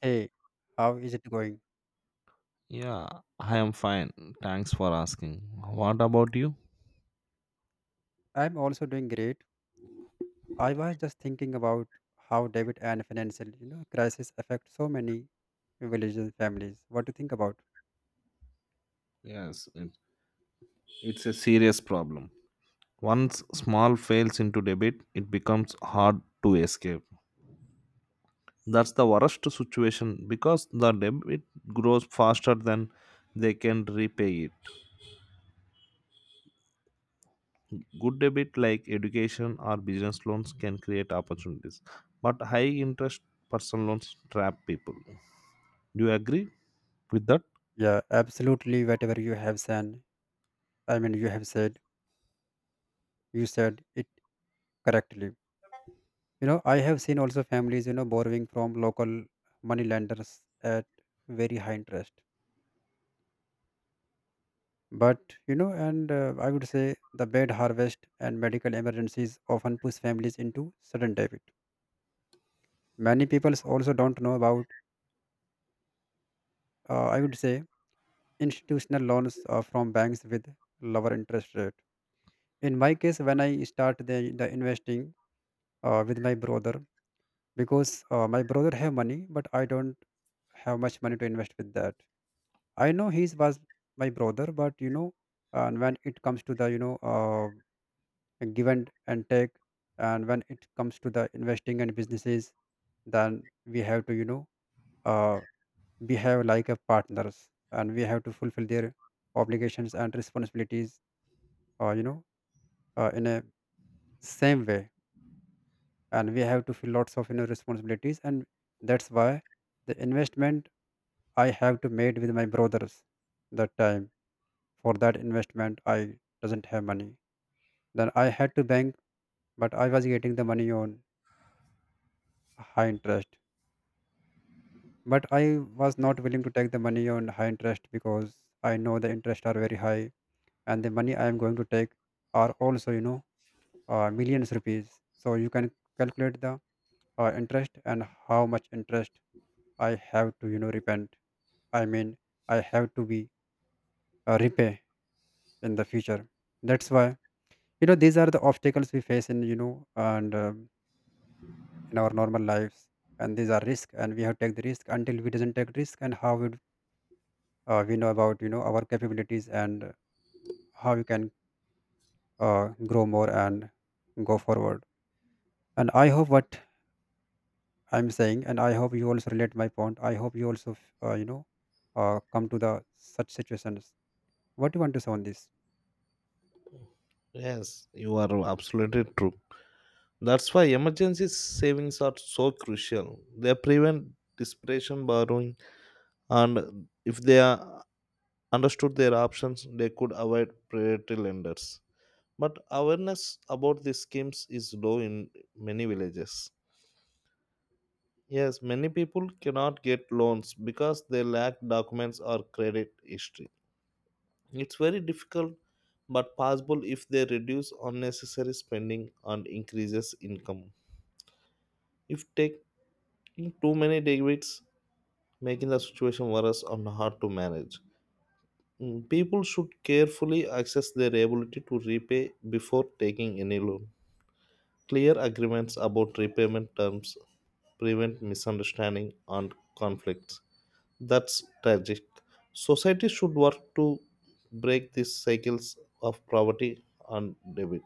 Hey, how is it going? Yeah, I am fine. Thanks for asking. What about you? I'm also doing great. I was just thinking about how debit and financial, crisis affect so many villages and families. What do you think about? Yes, it's a serious problem. Once small fails into debit, it becomes hard to escape. That's the worst situation because the debit grows faster than they can repay it. Good debit like education or business loans can create opportunities, but high interest personal loans trap people. Do you agree with that? Yeah, absolutely. Whatever you have said, you have said, you said it correctly. I have seen also families, borrowing from local money lenders at very high interest. But, you know, and I would say the bad harvest and medical emergencies often push families into sudden debt. Many people also don't know about, I would say, institutional loans from banks with lower interest rate. In my case, when I start the investing with my brother, because my brother have money, but I don't have much money to invest with that. I know he was my brother, but and when it comes to the give and take, and when it comes to the investing and businesses, then we have to uh, behave like a partners and we have to fulfill their obligations and responsibilities uh, you know in a same way, and we have to feel lots of responsibilities. And that's why the investment I have to made with my brothers that time. For that investment, I doesn't have money, then I had to bank, but I was getting the money on high interest. But I was not willing to take the money on high interest because I know the interest are very high, and the money I am going to take are also millions rupees. So you can calculate the interest and how much interest I have to repent. I mean I have to be repay in the future. That's why these are the obstacles we face in you know and in our normal lives, and these are risk, and we have to take the risk until we doesn't take risk. And how would we know about our capabilities, and how we can grow more and go forward. And I hope what I'm saying, and I hope you also relate my point. I hope you also, come to the such situations. What do you want to say on this? Yes, you are absolutely true. That's why emergency savings are so crucial. They prevent desperation borrowing, and if they are understood their options, they could avoid predatory lenders. But awareness about these schemes is low in many villages. Yes, many people cannot get loans because they lack documents or credit history. It's very difficult but possible if they reduce unnecessary spending and increases income. If taking too many debits making the situation worse and hard to manage. Mm. People should carefully assess their ability to repay before taking any loan. Clear agreements about repayment terms prevent misunderstanding and conflicts. That's tragic. Society should work to break these cycles of poverty and debit.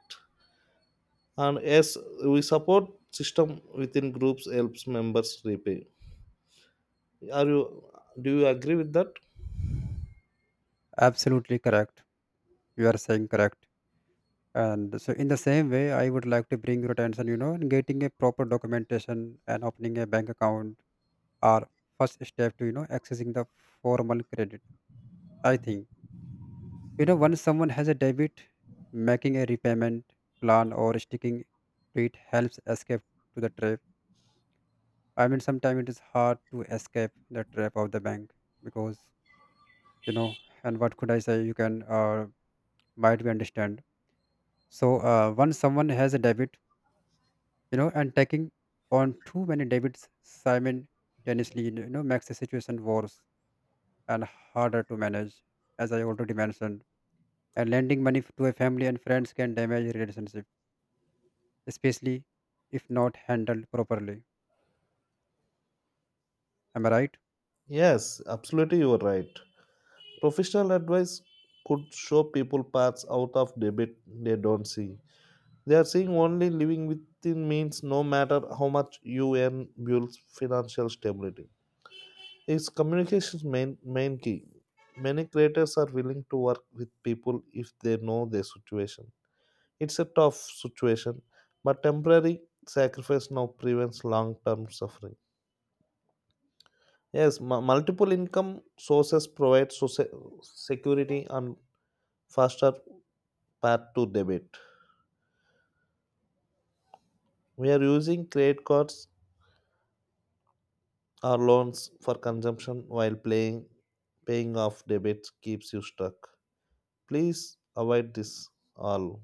And yes, we support system within groups helps members repay. Are you Do you agree with that? Absolutely correct. You are saying correct. And so, in the same way, I would like to bring your attention, in getting a proper documentation and opening a bank account are first step to, accessing the formal credit. I think, once someone has a debit, making a repayment plan or sticking to it helps escape to the trap. Sometimes it is hard to escape the trap of the bank because you know. And what could I say? You can might be understand. So once someone has a debit, and taking on too many debits simultaneously, makes the situation worse and harder to manage, as I already mentioned. And lending money to a family and friends can damage relationship, especially if not handled properly. Am I right? Yes, absolutely, you are right. Professional advice could show people paths out of debit they don't see. They are seeing only living within means, no matter how much you earn, builds financial stability. It's communication's main key. Many creators are willing to work with people if they know their situation. It's a tough situation, but temporary sacrifice now prevents long term suffering. Yes, multiple income sources provide security and faster path to debit. We are using credit cards or loans for consumption while playing paying off debits keeps you stuck. Please avoid this all.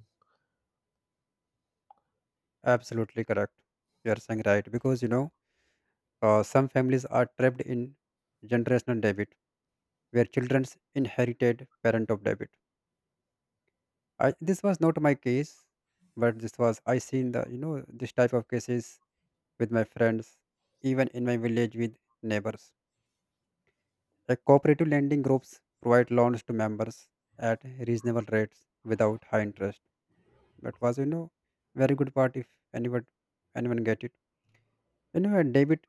Absolutely correct. You are saying right because some families are trapped in generational debit, where children's inherited parent of debit. I, this was not my case, but this was I seen the this type of cases with my friends, even in my village with neighbors. A cooperative lending groups provide loans to members at reasonable rates without high interest. That was very good part if anyone anyone get it. And debit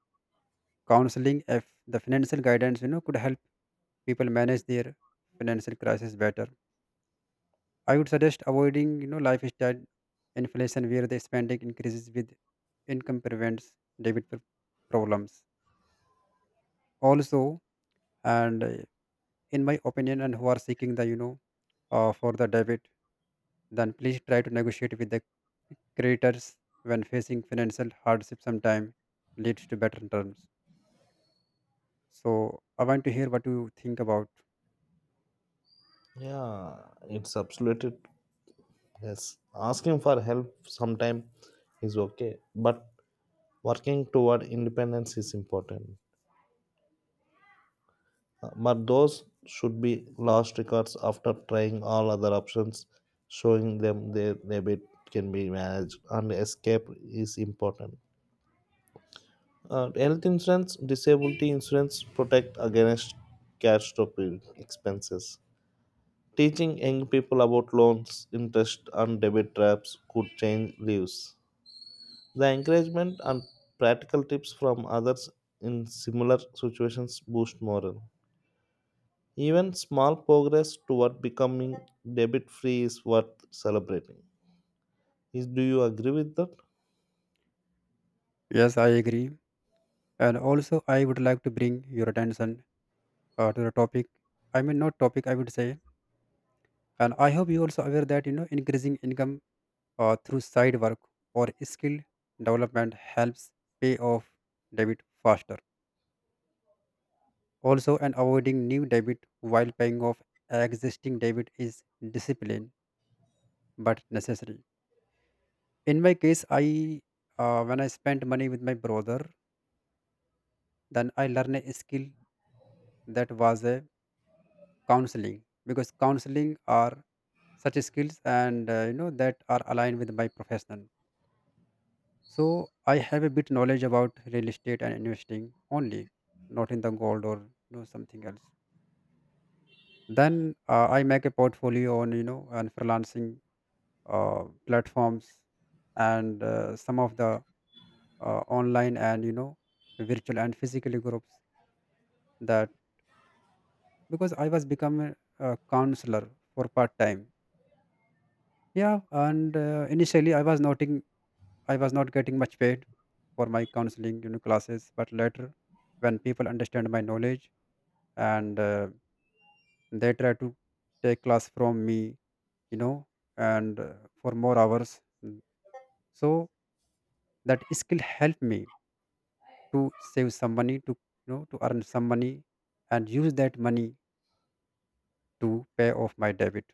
counseling, if the financial guidance could help people manage their financial crisis better. I would suggest avoiding, lifestyle inflation where the spending increases with income prevents debit problems. Also, and in my opinion, and who are seeking the, for the debit, then please try to negotiate with the creditors when facing financial hardship. Sometime leads to better terms. So I want to hear what you think about. Yeah, it's absolutely yes. Asking for help sometime is okay, but working toward independence is important. But those should be lost records after trying all other options. Showing them their debit can be managed and escape is important. Health insurance, disability insurance protect against catastrophic expenses. Teaching young people about loans, interest, and debit traps could change lives. The encouragement and practical tips from others in similar situations boost morale. Even small progress toward becoming debit free is worth celebrating. Do you agree with that? Yes, I agree. And also, I would like to bring your attention to the topic. Not topic, I would say. And I hope you also aware that increasing income through side work or skill development helps pay off debit faster. Also, and avoiding new debit while paying off existing debit is discipline but necessary. In my case, I when I spent money with my brother, then I learned a skill. That was a counseling, because counseling are such skills, and that are aligned with my profession. So I have a bit knowledge about real estate and investing only, not in the gold or something else. Then I make a portfolio on you know and freelancing platforms, and some of the online and virtual and physical groups, that because I was become a counselor for part time. Yeah. And uh, initially I was not getting much paid for my counseling, classes, but later, when people understand my knowledge, and they try to take class from me, you know, and for more hours. Mm. So that skill helped me to save some money, to to earn some money, and use that money to pay off my debt.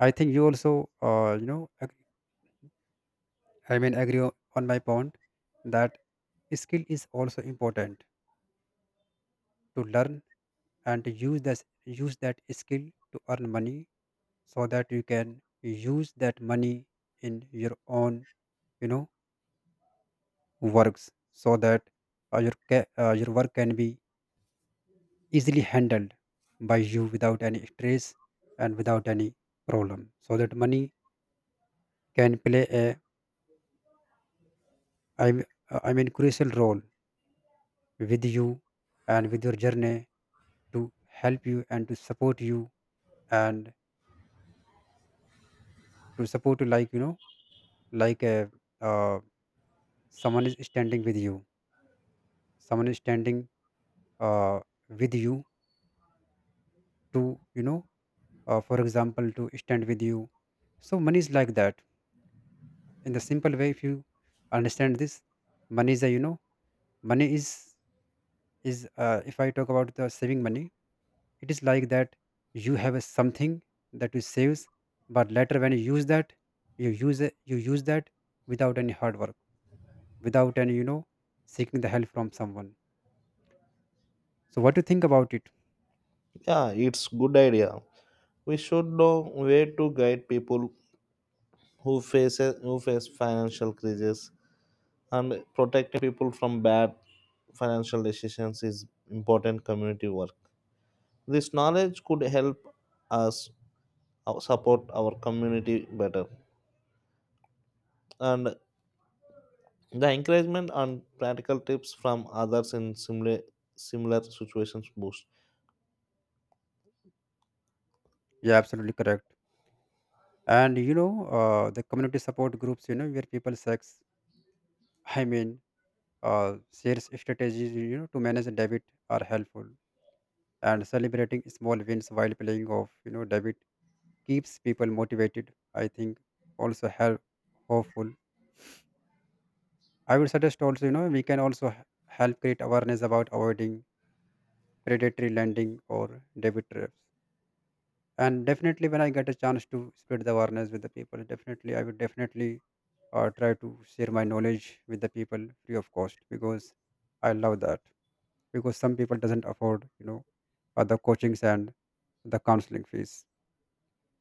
I think you also, agree on my point that skill is also important to learn, and use this use that skill to earn money, so that you can use that money in your own you know works, so that your work can be easily handled by you without any stress and without any problem, so that money can play a I m- I mean crucial role with you and with your journey to help you and to support you, and to support you like like a uh, someone is standing with you. Someone is standing uh, with you to you know For example, to stand with you. So money is like that. In the simple way, if you understand this, money is a money is if I talk about the saving money, it is like that. You have a something that you saves, but later when you use that, you use that without any hard work, without any seeking the help from someone. So what do you think about it? Yeah, it's good idea. We should know where to guide people who face financial crises, and protecting people from bad financial decisions is important community work. This knowledge could help us support our community better, and the encouragement and practical tips from others in similar situations boost. Yeah, absolutely correct. And the community support groups where people sex i mean shares strategies, to manage debit, are helpful, and celebrating small wins while playing off debit keeps people motivated. I think also help hopeful. I would suggest also, we can also help create awareness about avoiding predatory lending or debit traps. And definitely when I get a chance to spread the awareness with the people, definitely I would definitely try to share my knowledge with the people free of cost, because I love that, because some people doesn't afford the coachings and the counseling fees.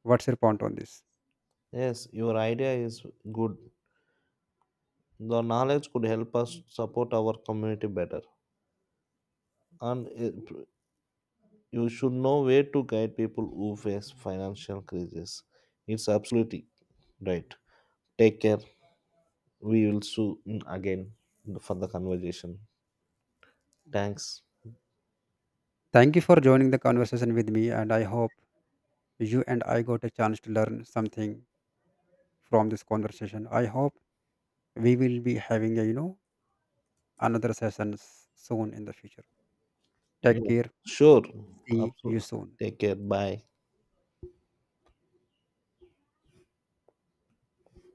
What's your point on this? Yes, your idea is good. The knowledge could help us support our community better. And it- you should know where to guide people who face financial crisis. It's absolutely right. Take care. We will soon again for the conversation. Thanks. Thank you for joining the conversation with me, and I hope you and I got a chance to learn something from this conversation. I hope we will be having a another sessions soon in the future. Take Yes. care. Sure. See you Absolutely. soon. Take care. Bye.